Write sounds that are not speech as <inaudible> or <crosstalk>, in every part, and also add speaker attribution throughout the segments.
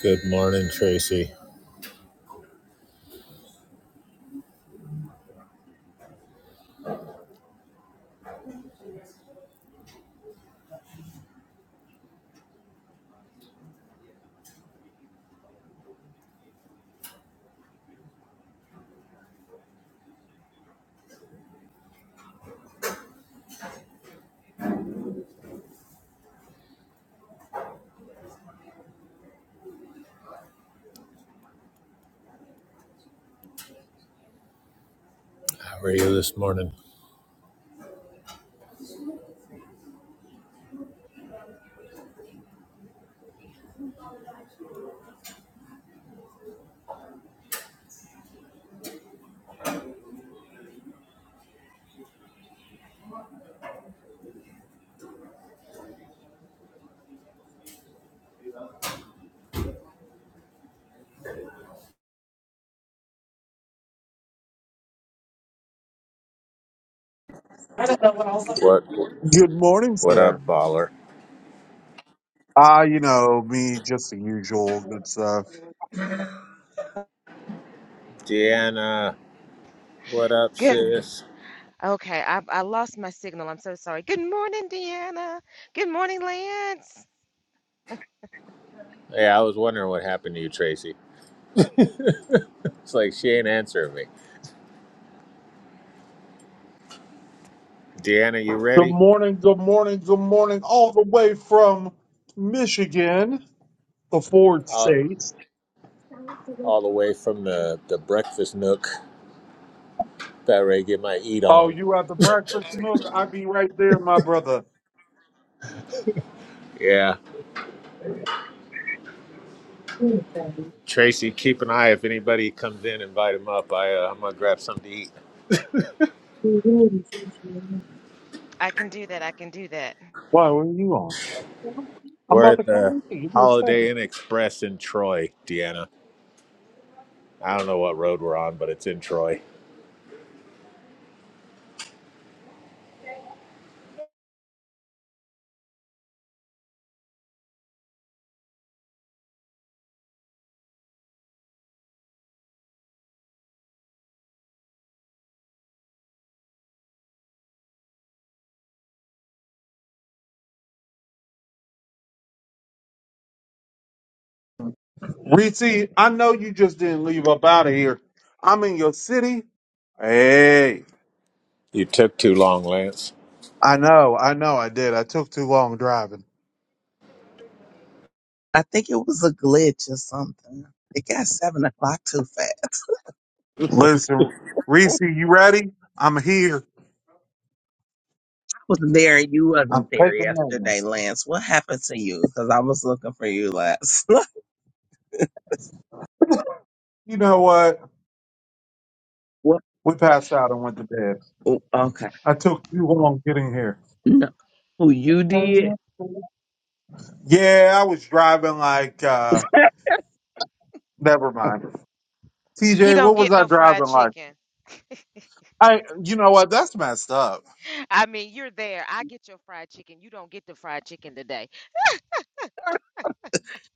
Speaker 1: Good morning, Tracy. How are you this morning?
Speaker 2: I don't know what I up here.
Speaker 1: What
Speaker 2: Good morning,
Speaker 1: what up,
Speaker 2: sir.
Speaker 1: baller?
Speaker 2: Ah, you know, me, just the usual good stuff.
Speaker 1: Deanna, what up,
Speaker 3: Good.
Speaker 1: sis?
Speaker 3: Okay, I I lost my signal. I'm so sorry. Good morning, Deanna. Good morning, Lance.
Speaker 1: Hey, I was wondering what happened to you, Tracy. It's like she ain't answering me. Deanna, you
Speaker 2: Good
Speaker 1: ready?
Speaker 2: morning, good morning, good morning, all the way from Michigan, the Ford
Speaker 1: All,
Speaker 2: state.
Speaker 1: all the way from the, the breakfast nook. About ready to get my eat
Speaker 2: Oh,
Speaker 1: on.
Speaker 2: you at the breakfast nook? i be right there, my brother.
Speaker 1: Yeah. Tracy, keep an eye if anybody comes in, invite them up. I, uh, I'm going to grab something to eat.
Speaker 3: I can do that. I can do that.
Speaker 2: Why, what are you on? I'm
Speaker 1: We're
Speaker 2: about to
Speaker 1: at
Speaker 2: come
Speaker 1: the
Speaker 2: with you. Give me a
Speaker 1: Holiday
Speaker 2: second.
Speaker 1: Inn Express in Troy, Deanna. I don't know what road we're on, but it's in Troy.
Speaker 2: Reese, I know you just didn't leave up out of here. I'm in your city. Hey.
Speaker 1: You took too long, Lance.
Speaker 2: I know, I know I did. I took too long driving.
Speaker 4: I think it was a glitch or something. It got seven o'clock too fast. <laughs>
Speaker 2: Listen, Reese,
Speaker 4: I
Speaker 2: you ready? I'm here.
Speaker 4: was there and you
Speaker 2: I'm
Speaker 4: wasn't there
Speaker 2: taking
Speaker 4: yesterday,
Speaker 2: names.
Speaker 4: Lance. What happened to you? Because I was looking for you last.
Speaker 2: You know what?
Speaker 4: <laughs> what?
Speaker 2: We passed out and went to bed.
Speaker 4: oh, Okay.
Speaker 2: I took too long getting here.
Speaker 4: No, you did.
Speaker 2: Driving? Yeah, I was driving like uh
Speaker 4: <laughs>
Speaker 2: never mind.
Speaker 3: He
Speaker 2: TJ,
Speaker 3: don't
Speaker 2: what was
Speaker 3: get
Speaker 2: I
Speaker 3: no fried
Speaker 2: driving like?
Speaker 3: chicken.
Speaker 2: I you know what? That's messed up.
Speaker 3: I mean, you're there. I get your fried chicken. You don't get the fried chicken today.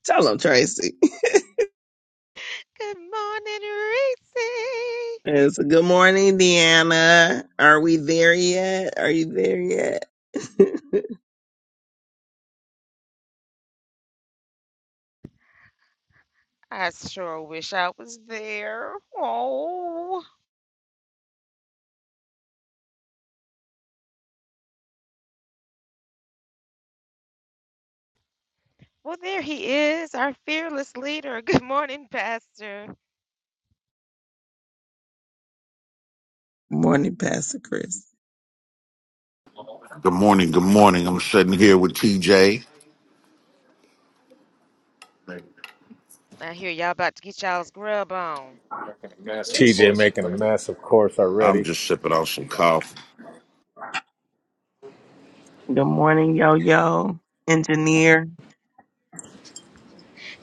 Speaker 4: Tell them, Tracy.
Speaker 3: Good morning, Reese.
Speaker 4: It's a good morning, Deanna. Are we there yet? Are you there yet?
Speaker 3: I sure wish I was there.
Speaker 4: <laughs>
Speaker 3: Oh. Well, there he is, our fearless leader. Good morning, Pastor.
Speaker 4: Morning, Pastor Chris.
Speaker 5: Good morning. Good morning. I'm sitting here with TJ.
Speaker 3: I hear y'all about to get y'all's grub on.
Speaker 1: TJ making a mess, of course,
Speaker 5: I'm
Speaker 1: already.
Speaker 5: just sipping on some coffee.
Speaker 4: Good morning, yo yo, engineer.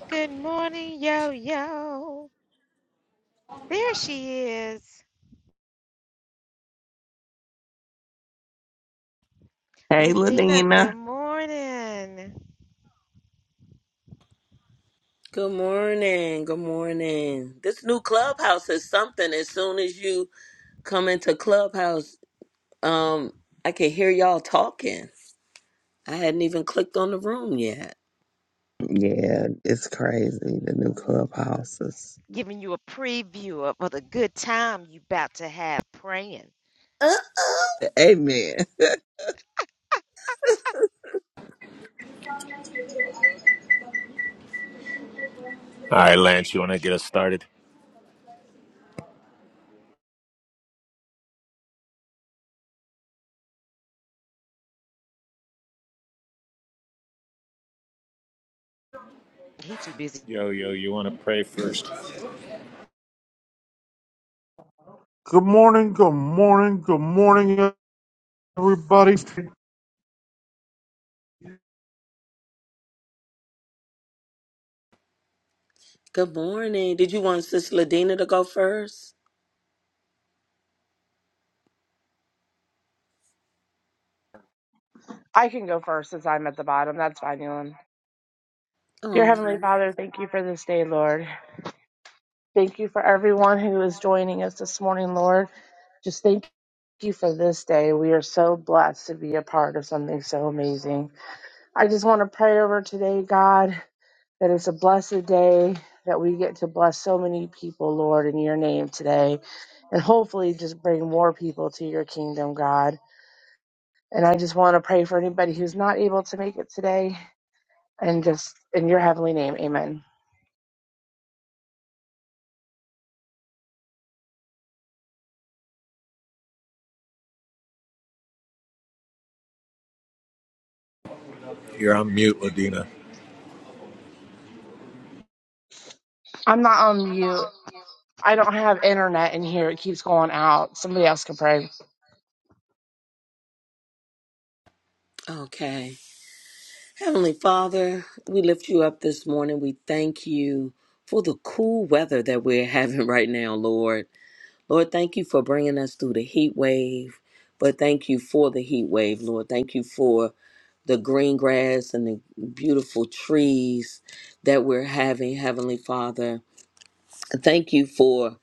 Speaker 3: Good morning, yo yo. There she is.
Speaker 4: Hey,
Speaker 3: Ladina, good
Speaker 4: Ladina.
Speaker 3: morning.
Speaker 6: Good morning. Good morning. This new clubhouse is something. As soon as you come into clubhouse, um, I can hear y'all talking. I hadn't even clicked on the room yet.
Speaker 4: Yeah, it's crazy. The new clubhouses.
Speaker 3: Giving you a preview of, of the good time you about to have praying.
Speaker 6: Uh,
Speaker 4: Amen.
Speaker 1: All right, Lance, you want to get us started?
Speaker 3: He too busy.
Speaker 1: Yo, yo, you want to pray first?
Speaker 2: Good morning, good morning, good morning, everybody.
Speaker 6: good morning. Did you want Sis Ladina to go first?
Speaker 7: I can go first since I'm at the bottom. That's fine, Yolan. Dear
Speaker 6: All
Speaker 7: Heavenly
Speaker 6: right.
Speaker 7: Father, thank you for this day, Lord. Thank you for everyone who is joining us this morning, Lord. Just thank you for this day. We are so blessed to be a part of something so amazing. I just want to pray over today, God, that it's a blessed day, that we get to bless so many people, Lord, in your name today, and hopefully just bring more people to your kingdom, God. And I just want to pray for anybody who's not able to make it today. and just in your heavenly name. Amen.
Speaker 1: You're on mute, Ladina.
Speaker 7: I'm not on mute. I don't have internet in here. It keeps going out. Somebody else can pray.
Speaker 6: Okay. Heavenly Father, we lift you up this morning. We thank you for the cool weather that we're <laughs> having right now, Lord. Lord, thank you for bringing us through the heat wave, but thank you for the heat wave, Lord. Thank you for the green grass and the beautiful trees that we're having, Heavenly Father. Thank you for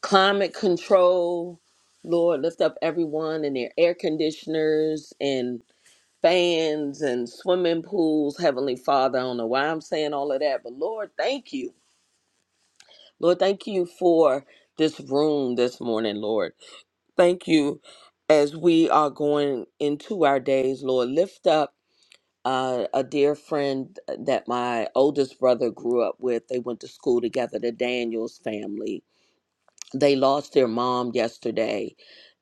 Speaker 6: climate control, Lord. Lift up everyone and their air conditioners and fans and swimming pools, Heavenly Father. I don't know why I'm saying all of that, but Lord, thank you. Lord, thank you for this room this morning, Lord. Thank you. As we are going into our days, Lord, lift up uh, a dear friend that my oldest brother grew up with. They went to school together, the Daniels family. They lost their mom yesterday,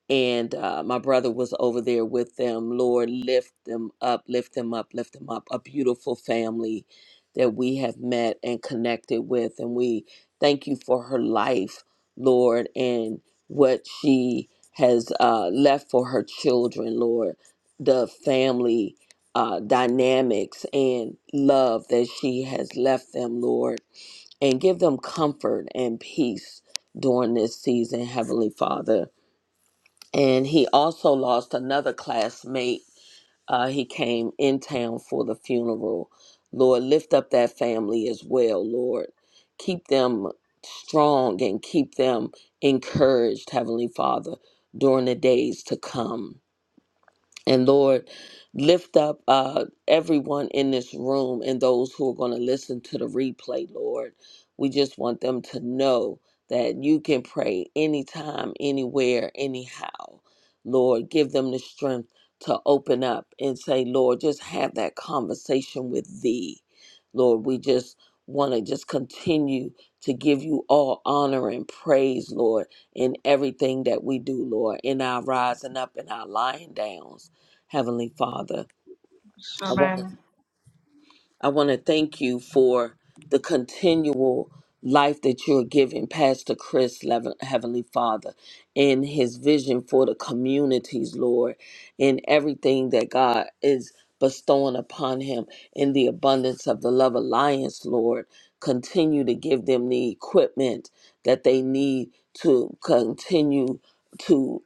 Speaker 6: and uh, my brother was over there with them. Lord, lift them up, lift them up, lift them up. A beautiful family that we have met and connected with, and we thank you for her life, Lord, and what she has uh, left for her children, Lord. The family uh, dynamics and love that she has left them, Lord, and give them comfort and peace during this season, Heavenly Father and he also lost another classmate. Uh, he came in town for the funeral. Lord, lift up that family as well, Lord. Keep them strong and keep them encouraged, Heavenly Father, during the days to come. And Lord, lift up uh, everyone in this room and those who are going to listen to the replay, Lord. We just want them to know that you can pray anytime, anywhere, anyhow. Lord, give them the strength to open up and say, Lord, just have that conversation with thee. Lord, we just want to just continue to give you all honor and praise, Lord, in everything that we do, Lord, in our rising up and our lying downs. Heavenly Father.
Speaker 8: So
Speaker 6: I want to
Speaker 8: man,
Speaker 6: I want to thank you for the continual life that you're giving Pastor Chris, Lev- Heavenly Father, in his vision for the communities, Lord, in everything that God is bestowing upon him in the abundance of the Love Alliance, Lord. Continue to give them the equipment that they need to continue to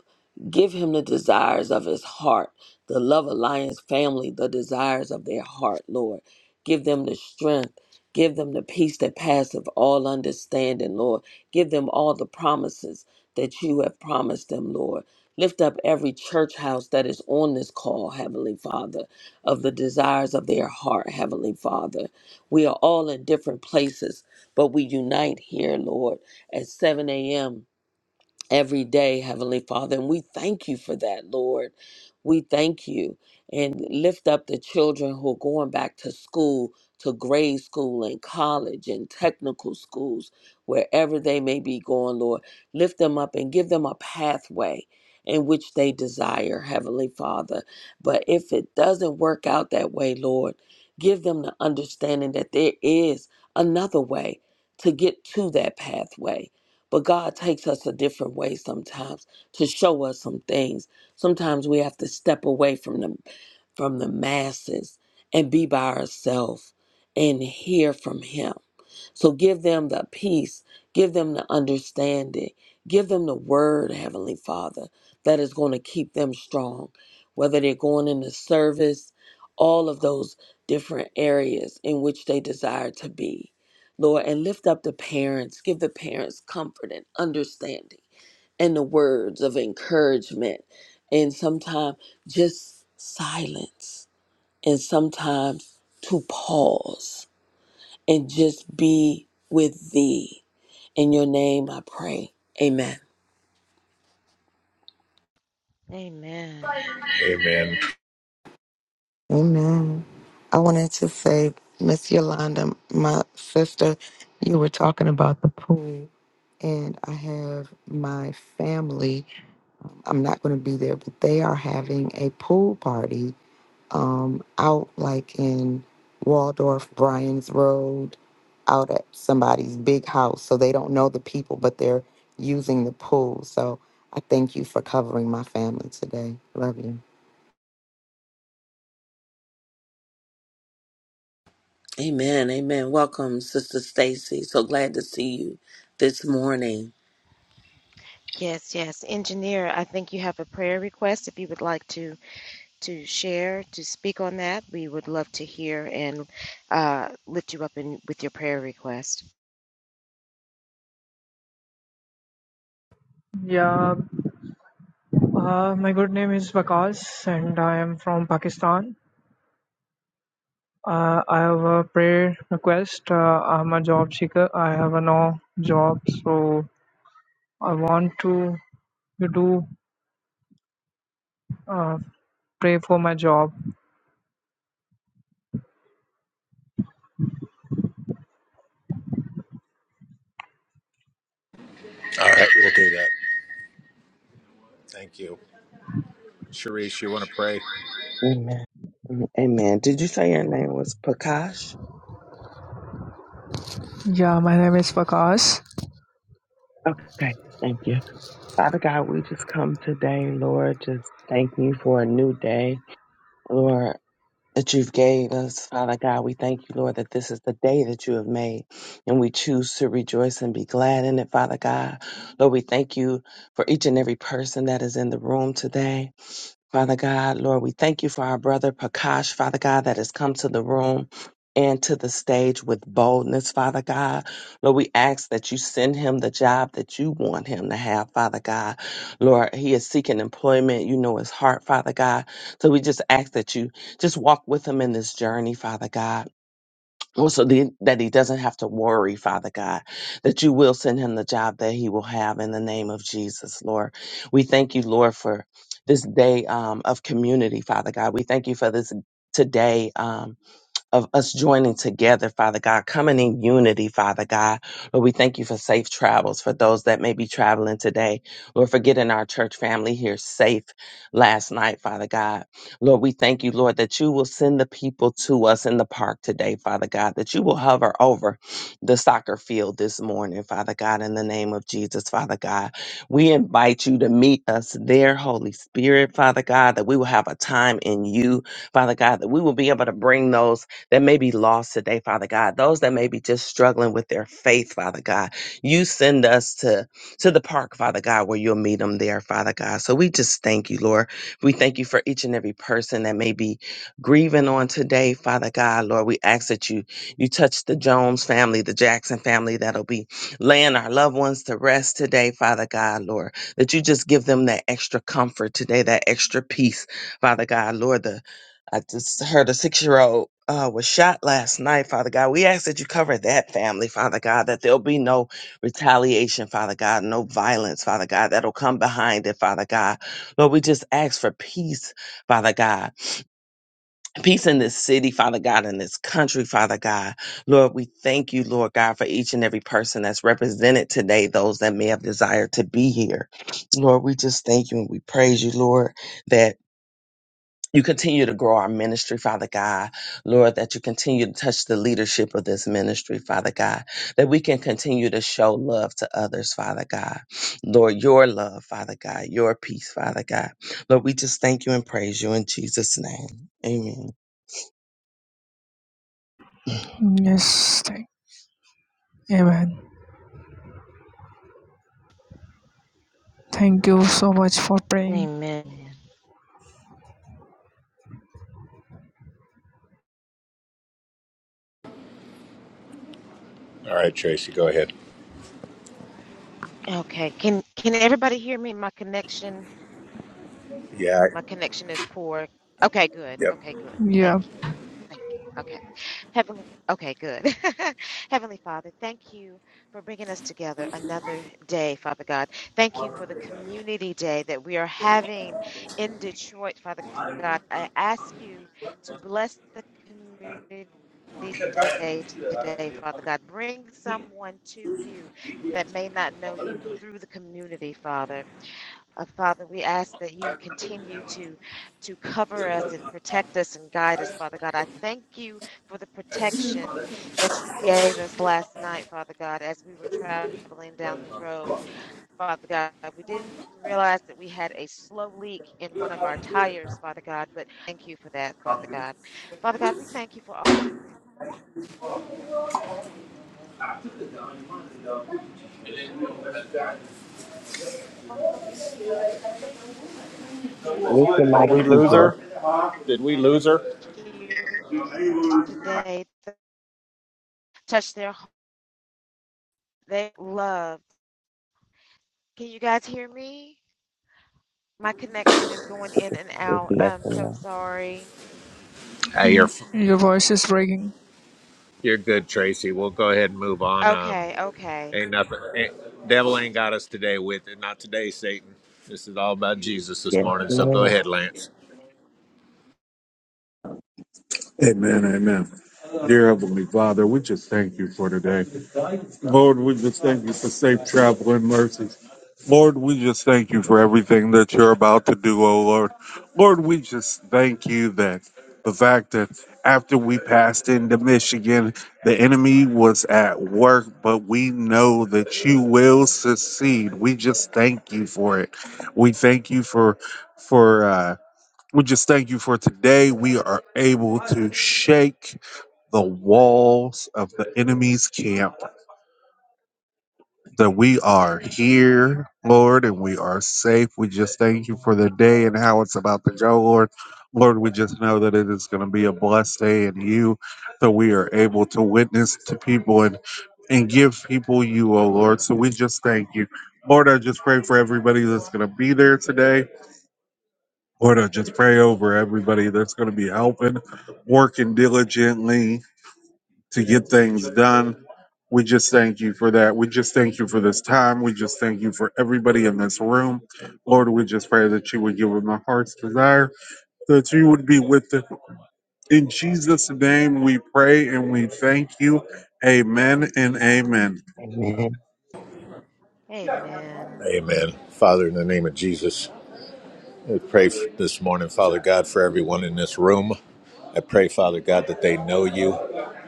Speaker 6: give him the desires of his heart, the Love Alliance family, the desires of their heart, Lord. Give them the strength. Give them the peace that passeth all understanding, Lord. Give them all the promises that you have promised them, Lord. Lift up every church house that is on this call, Heavenly Father, of the desires of their heart, Heavenly Father. We are all in different places, but we unite here, Lord, at 7 a.m every day, Heavenly Father. And we thank you for that, Lord. We thank you and lift up the children who are going back to school, to grade school and college and technical schools, wherever they may be going, Lord. Lift them up and give them a pathway in which they desire, Heavenly Father. But if it doesn't work out that way, Lord, give them the understanding that there is another way to get to that pathway but God takes us a different way sometimes to show us some things. Sometimes we have to step away from the from the masses and be by ourselves and hear from him. So give them the peace, give them the understanding, give them the word, Heavenly Father, that is going to keep them strong, whether they're going into service, all of those different areas in which they desire to be. Lord, and lift up the parents. Give the parents comfort and understanding and the words of encouragement. And sometimes just silence. And sometimes to pause and just be with thee. In your name I pray. Amen.
Speaker 3: Amen.
Speaker 1: Amen.
Speaker 9: Amen. I wanted to say, Miss Yolanda, my sister, you were talking about the pool, and I have my family. I'm not going to be there, but they are having a pool party um, out like in Waldorf, Bryan's Road, out at somebody's big house. So they don't know the people, but they're using the pool. So I thank you for covering my family today. Love you.
Speaker 6: Amen. Amen. Welcome, Sister Stacy. So glad to see you this morning.
Speaker 3: Yes, yes. Engineer, I think you have a prayer request. If you would like to to share, to speak on that, we would love to hear and uh, lift you up in with your prayer request.
Speaker 8: yeah, uh, my good name is Vakas and I am from Pakistan. Uh, I have a prayer request. Uh, I'm a job seeker. I have a no job, so I want to you do uh, pray for my job.
Speaker 1: All right, we'll do that. Thank you. Sharice, you want to pray?
Speaker 4: Amen. Amen. Did you say your name was Prakash?
Speaker 8: Yeah, my name is Vakas.
Speaker 4: Okay, thank you. Father God, we just come today, Lord, just thank you for a new day. Lord, that you've gave us, Father God. We thank you, Lord, that this is the day that you have made, and we choose to rejoice and be glad in it, Father God. Lord, we thank you for each and every person that is in the room today. Father God, Lord, we thank you for our brother Prakash, Father God, that has come to the room and to the stage with boldness, Father God. Lord, we ask that you send him the job that you want him to have, Father God. Lord, he is seeking employment. You know his heart, Father God. So we just ask that you just walk with him in this journey, Father God. Well, So the, that he doesn't have to worry, Father God, that you will send him the job that he will have in the name of Jesus, Lord. We thank you, Lord, for this day um, of community, Father God. We thank you for this today. Um, of us joining together, Father God, coming in unity, Father God. Lord, we thank you for safe travels for those that may be traveling today. Lord, for getting our church family here safe last night, Father God. Lord, we thank you, Lord, that you will send the people to us in the park today, Father God, that you will hover over the soccer field this morning, Father God, in the name of Jesus, Father God. We invite you to meet us there, Holy Spirit, Father God, that we will have a time in you, Father God, that we will be able to bring those that may be lost today, Father God, those that may be just struggling with their faith, Father God. You send us to, to the park, Father God, where you'll meet them there, Father God. So we just thank you, Lord. We thank you for each and every person that may be grieving on today, Father God. Lord, we ask that you you touch the Jones family, the Jackson family that'll be laying our loved ones to rest today, Father God, Lord. That you just give them that extra comfort today, that extra peace, Father God, Lord. The I just heard a six year old uh, was shot last night, Father God. We ask that you cover that family, Father God, that there'll be no retaliation, Father God, no violence, Father God, that'll come behind it, Father God. Lord, we just ask for peace, Father God. Peace in this city, Father God, in this country, Father God. Lord, we thank you, Lord God, for each and every person that's represented today, those that may have desired to be here. Lord, we just thank you and we praise you, Lord, that you continue to grow our ministry, Father God. Lord, that you continue to touch the leadership of this ministry, Father God, that we can continue to show love to others, Father God. Lord, your love, Father God, your peace, Father God. Lord, we just thank you and praise you in Jesus' name. Amen.
Speaker 8: Yes, thank, amen. Thank you so much for praying.
Speaker 3: Amen.
Speaker 1: All right, Tracy, go ahead.
Speaker 3: Okay. Can can everybody hear me? My connection
Speaker 1: Yeah.
Speaker 3: My connection is poor. Okay, good.
Speaker 1: Yep.
Speaker 3: Okay, good. Thank
Speaker 8: Yeah,
Speaker 3: you. Thank you. Okay. Heavenly, okay, good. <laughs> Heavenly Father, thank you for bringing us together another day, Father God. Thank you for the community day that we are having in Detroit, Father God. I ask you to bless the community day today, Father God. Bring someone to you that may not know you through the community, Father. Uh, Father, we ask that you continue to to cover us and protect us and guide us, Father God. I thank you for the protection that you gave us last night, Father God, as we were traveling down the road, Father God. We didn't realize that we had a slow leak in one of our tires, Father God, but thank you for that, Father God. Father God, we thank you for all the people
Speaker 4: Listen
Speaker 1: Did
Speaker 4: like
Speaker 1: we
Speaker 4: he
Speaker 1: lose her?
Speaker 4: just
Speaker 1: Did we
Speaker 3: that
Speaker 1: lose
Speaker 3: are
Speaker 1: her?
Speaker 3: here today. Touch their their love Can you guys hear me? My connection is going in and
Speaker 4: is
Speaker 3: out. I'm
Speaker 4: messing
Speaker 3: so
Speaker 4: up.
Speaker 3: sorry.
Speaker 1: Hey, you're
Speaker 8: mm, your voice is breaking.
Speaker 1: you're good, Tracy. We'll go ahead and move on. Um,
Speaker 3: Okay, okay.
Speaker 1: ain't nothing. Ain't, devil ain't got us today with it. Not today, Satan. This is all about Jesus this
Speaker 4: Yes,
Speaker 1: morning. So go
Speaker 4: Lord.
Speaker 1: ahead, Lance.
Speaker 2: Amen, amen. Dear Heavenly Father, we just thank you for today. Lord, we just thank you for safe travel and mercies. Lord, we just thank you for everything that you're about to do, oh Lord. Lord, we just thank you that the fact that after we passed into Michigan, the enemy was at work, but we know that you will succeed. We just thank you for it. We thank you for for uh we just thank you for today. We are able to shake the walls of the enemy's camp that we are here, Lord, and we are safe. We just thank you for the day and how it's about to go, Lord. Lord, we just know that it is going to be a blessed day in you, that we are able to witness to people and and give people you, oh Lord. So we just thank you. Lord, I just pray for everybody that's going to be there today. Lord, I just pray over everybody that's going to be helping, working diligently, to get things done. We just thank you for that. We just thank you for this time. We just thank you for everybody in this room. Lord, we just pray that you would give them a heart's desire, that you would be with them. In Jesus' name we pray and we thank you. Amen and amen.
Speaker 4: Amen.
Speaker 3: Amen.
Speaker 1: Amen. Father, in the name of Jesus, we pray f- this morning, Father God, for everyone in this room. I pray, Father God, that they know you.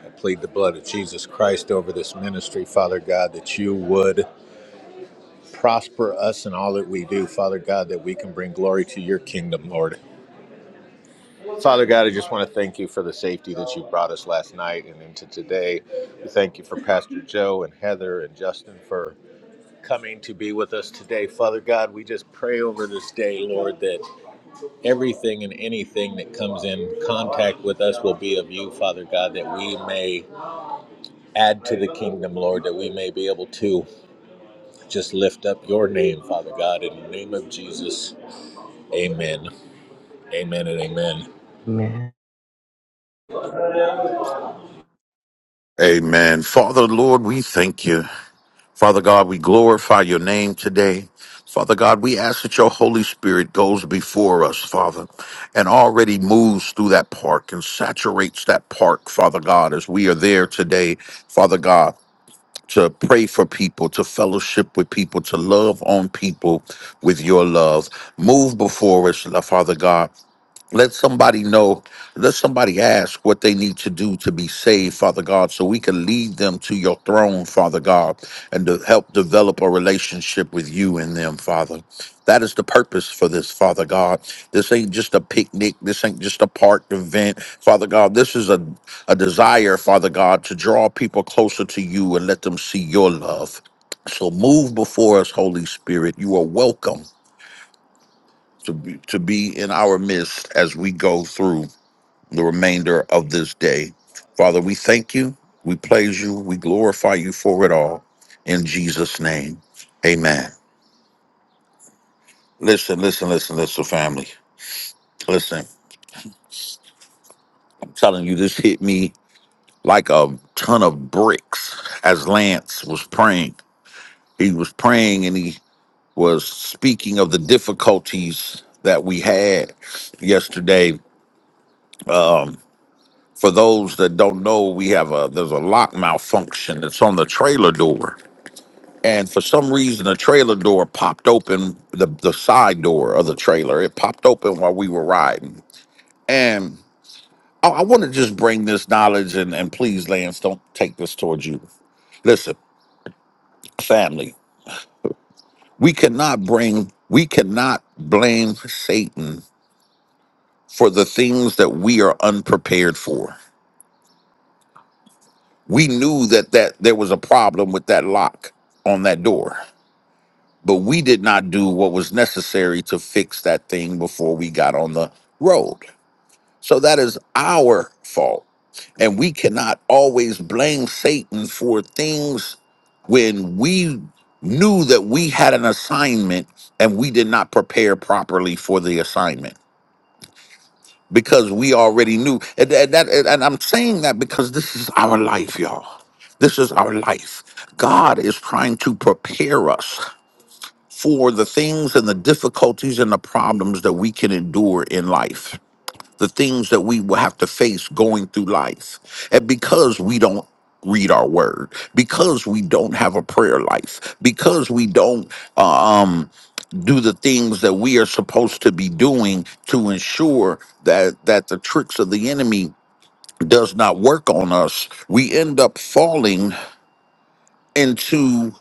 Speaker 1: I plead the blood of Jesus Christ over this ministry, Father God, that you would prosper us in all that we do, Father God, that we can bring glory to your kingdom, Lord. Father God, I just want to thank you for the safety that you brought us last night and into today. We thank you for Pastor Joe and Heather and Justin for coming to be with us today. Father God, we just pray over this day, Lord, that Everything and anything that comes in contact with us will be of you, Father God, that we may add to the kingdom, Lord, that we may be able to just lift up your name, Father God, in the name of Jesus. Amen. Amen and amen.
Speaker 4: Amen.
Speaker 5: Amen. Father, Lord, we thank you. Father God, we glorify your name today. Father God, we ask that your Holy Spirit goes before us, Father, and already moves through that park and saturates that park, Father God, as we are there today, Father God, to pray for people, to fellowship with people, to love on people with your love. Move before us, Father God Let somebody know, let somebody ask what they need to do to be saved, Father God, so we can lead them to your throne, Father God, and to help develop a relationship with you and them, Father. That is the purpose for this, Father God. This ain't just a picnic. This ain't just a park event, Father God. This is a, a desire, Father God, to draw people closer to you and let them see your love. So move before us, Holy Spirit. You are welcome to be, to be in our midst as we go through the remainder of this day. Father, we thank you, we praise you, we glorify you for it all. In Jesus' name, amen. Listen, listen, listen, listen, family. Listen, I'm telling you, this hit me like a ton of bricks as Lance was praying. He was praying and he was speaking of the difficulties that we had yesterday. Um, for those that don't know, we have a there's a lock malfunction that's on the trailer door and for some reason the trailer door popped open the, the side door of the trailer it popped open while we were riding and i, I want to just bring this knowledge and, and please lance don't take this towards you listen family we cannot bring we cannot blame satan for the things that we are unprepared for we knew that that there was a problem with that lock on that door but we did not do what was necessary to fix that thing before we got on the road So that is our fault. And we cannot always blame Satan for things when we knew that we had an assignment and we did not prepare properly for the assignment because we already knew. And, and that, and I'm saying that because this is our life, y'all. This is our life. God is trying to prepare us for the things and the difficulties and the problems that we can endure in life the things that we will have to face going through life. And because we don't read our word, because we don't have a prayer life, because we don't uh, um do the things that we are supposed to be doing to ensure that that the tricks of the enemy does not work on us, we end up falling into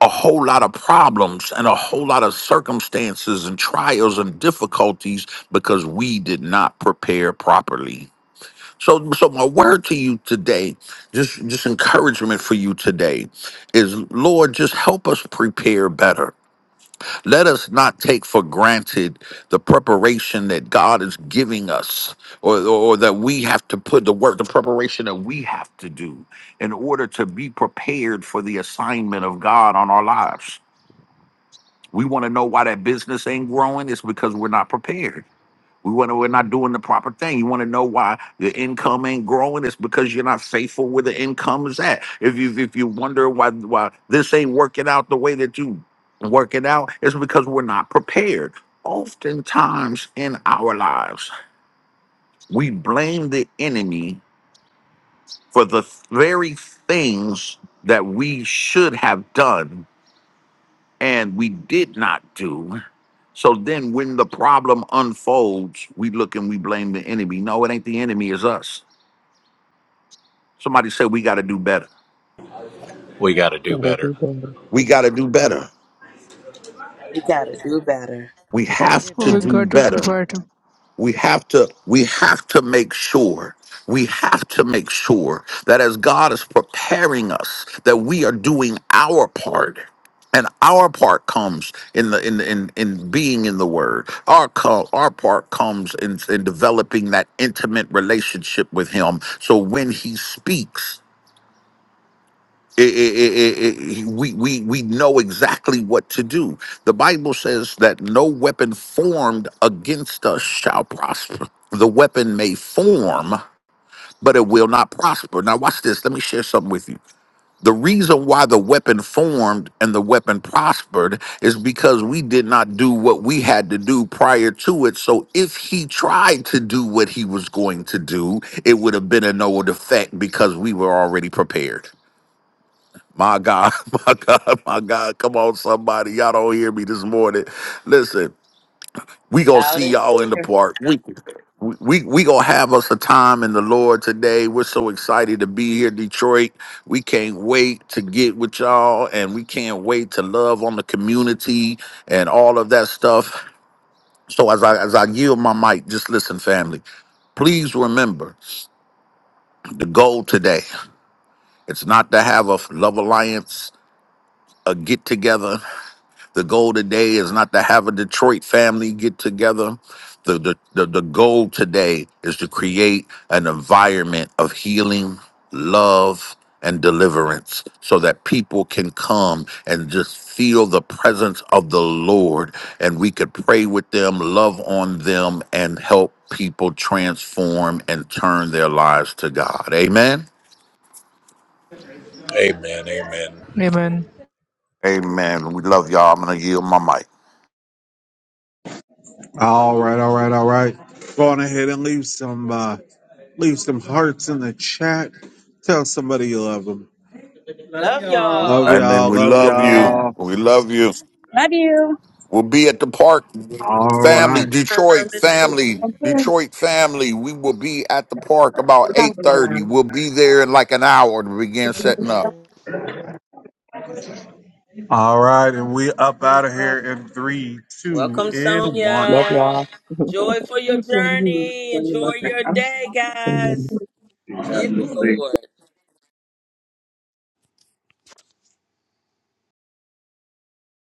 Speaker 5: a whole lot of problems and a whole lot of circumstances and trials and difficulties because we did not prepare properly So, so my word to you today, just just encouragement for you today, is Lord, just help us prepare better. Let us not take for granted the preparation that God is giving us, or or that we have to put the work, the preparation that we have to do in order to be prepared for the assignment of God on our lives. We want to know why that business ain't growing. It's because we're not prepared. We want to, we're not doing the proper thing. You want to know why the income ain't growing? It's because you're not faithful where the income is at. If you if you wonder why why this ain't working out the way that you work it out, it's because we're not prepared. Oftentimes in our lives, we blame the enemy for the very things that we should have done and we did not do. So then when the problem unfolds, we look and we blame the enemy. No, it ain't the enemy, it's us Somebody said we got to do better.
Speaker 1: We got to do
Speaker 4: Gotta
Speaker 1: better.
Speaker 4: do better.
Speaker 5: We got to do better.
Speaker 6: We got to do better.
Speaker 5: We
Speaker 3: We got to do
Speaker 5: have to
Speaker 8: We
Speaker 5: do
Speaker 8: got
Speaker 3: better.
Speaker 8: it,
Speaker 5: better.
Speaker 8: but
Speaker 5: We have to we have to make sure. We have to make sure that as God is preparing us that we are doing our part. And our part comes in the in in, in being in the word. Our co- our part comes in, in developing that intimate relationship with him. So when he speaks, it, it, it, it, we, we, we know exactly what to do. The Bible says that no weapon formed against us shall prosper. The weapon may form, but it will not prosper. Now, watch this. Let me share something with you. The reason why the weapon formed and the weapon prospered is because we did not do what we had to do prior to it. So, if he tried to do what he was going to do, it would have been a no effect because we were already prepared. My God, <laughs> my God, my God. Come on, somebody. Y'all don't hear me this morning. Listen, we gonna
Speaker 6: Out
Speaker 5: see
Speaker 6: and
Speaker 5: y'all in the
Speaker 6: clear.
Speaker 5: park. We we we gonna have us a time in the Lord today. We're so excited to be here, Detroit. We can't wait to get with y'all and we can't wait to love on the community and all of that stuff. So as I as I yield my mic, just listen, family. Please remember the goal today. It's not to have a love alliance, a get together. The goal today is not to have a Detroit family get together. The, the, the, the goal today is to create an environment of healing, love, and deliverance so that people can come and just feel the presence of the Lord and we could pray with them, love on them, and help people transform and turn their lives to God. Amen.
Speaker 1: Amen. Amen.
Speaker 8: amen.
Speaker 5: Amen. We love y'all. I'm going to yield my mic.
Speaker 2: All right, all right, all right. Go on ahead and leave some uh leave some hearts in the chat. Tell somebody you love them.
Speaker 6: Love
Speaker 2: Love
Speaker 6: y'all.
Speaker 5: Amen.
Speaker 2: y'all,
Speaker 5: We
Speaker 2: love
Speaker 5: love you.
Speaker 2: y'all.
Speaker 5: We
Speaker 6: Yes.
Speaker 5: love you.
Speaker 2: Love you.
Speaker 5: We'll be at the park,
Speaker 2: All
Speaker 6: a
Speaker 5: family,
Speaker 2: right.
Speaker 6: great time
Speaker 5: Detroit
Speaker 6: in the Lord.
Speaker 5: family, Detroit family. We will be at the park about eight thirty. We'll be there in like an hour to begin setting up.
Speaker 3: Amen.
Speaker 2: All right, and we up
Speaker 3: We
Speaker 2: out of
Speaker 3: love
Speaker 2: here in three, two,
Speaker 6: Welcome,
Speaker 2: and one.
Speaker 4: Love
Speaker 6: Sonia.
Speaker 4: y'all.
Speaker 6: Joy for your
Speaker 2: I'm giving
Speaker 6: journey. Enjoy
Speaker 2: you-
Speaker 6: your
Speaker 2: I'm
Speaker 6: day,
Speaker 4: <laughs>
Speaker 6: guys, in
Speaker 2: giving
Speaker 6: the
Speaker 2: you-
Speaker 6: Lord.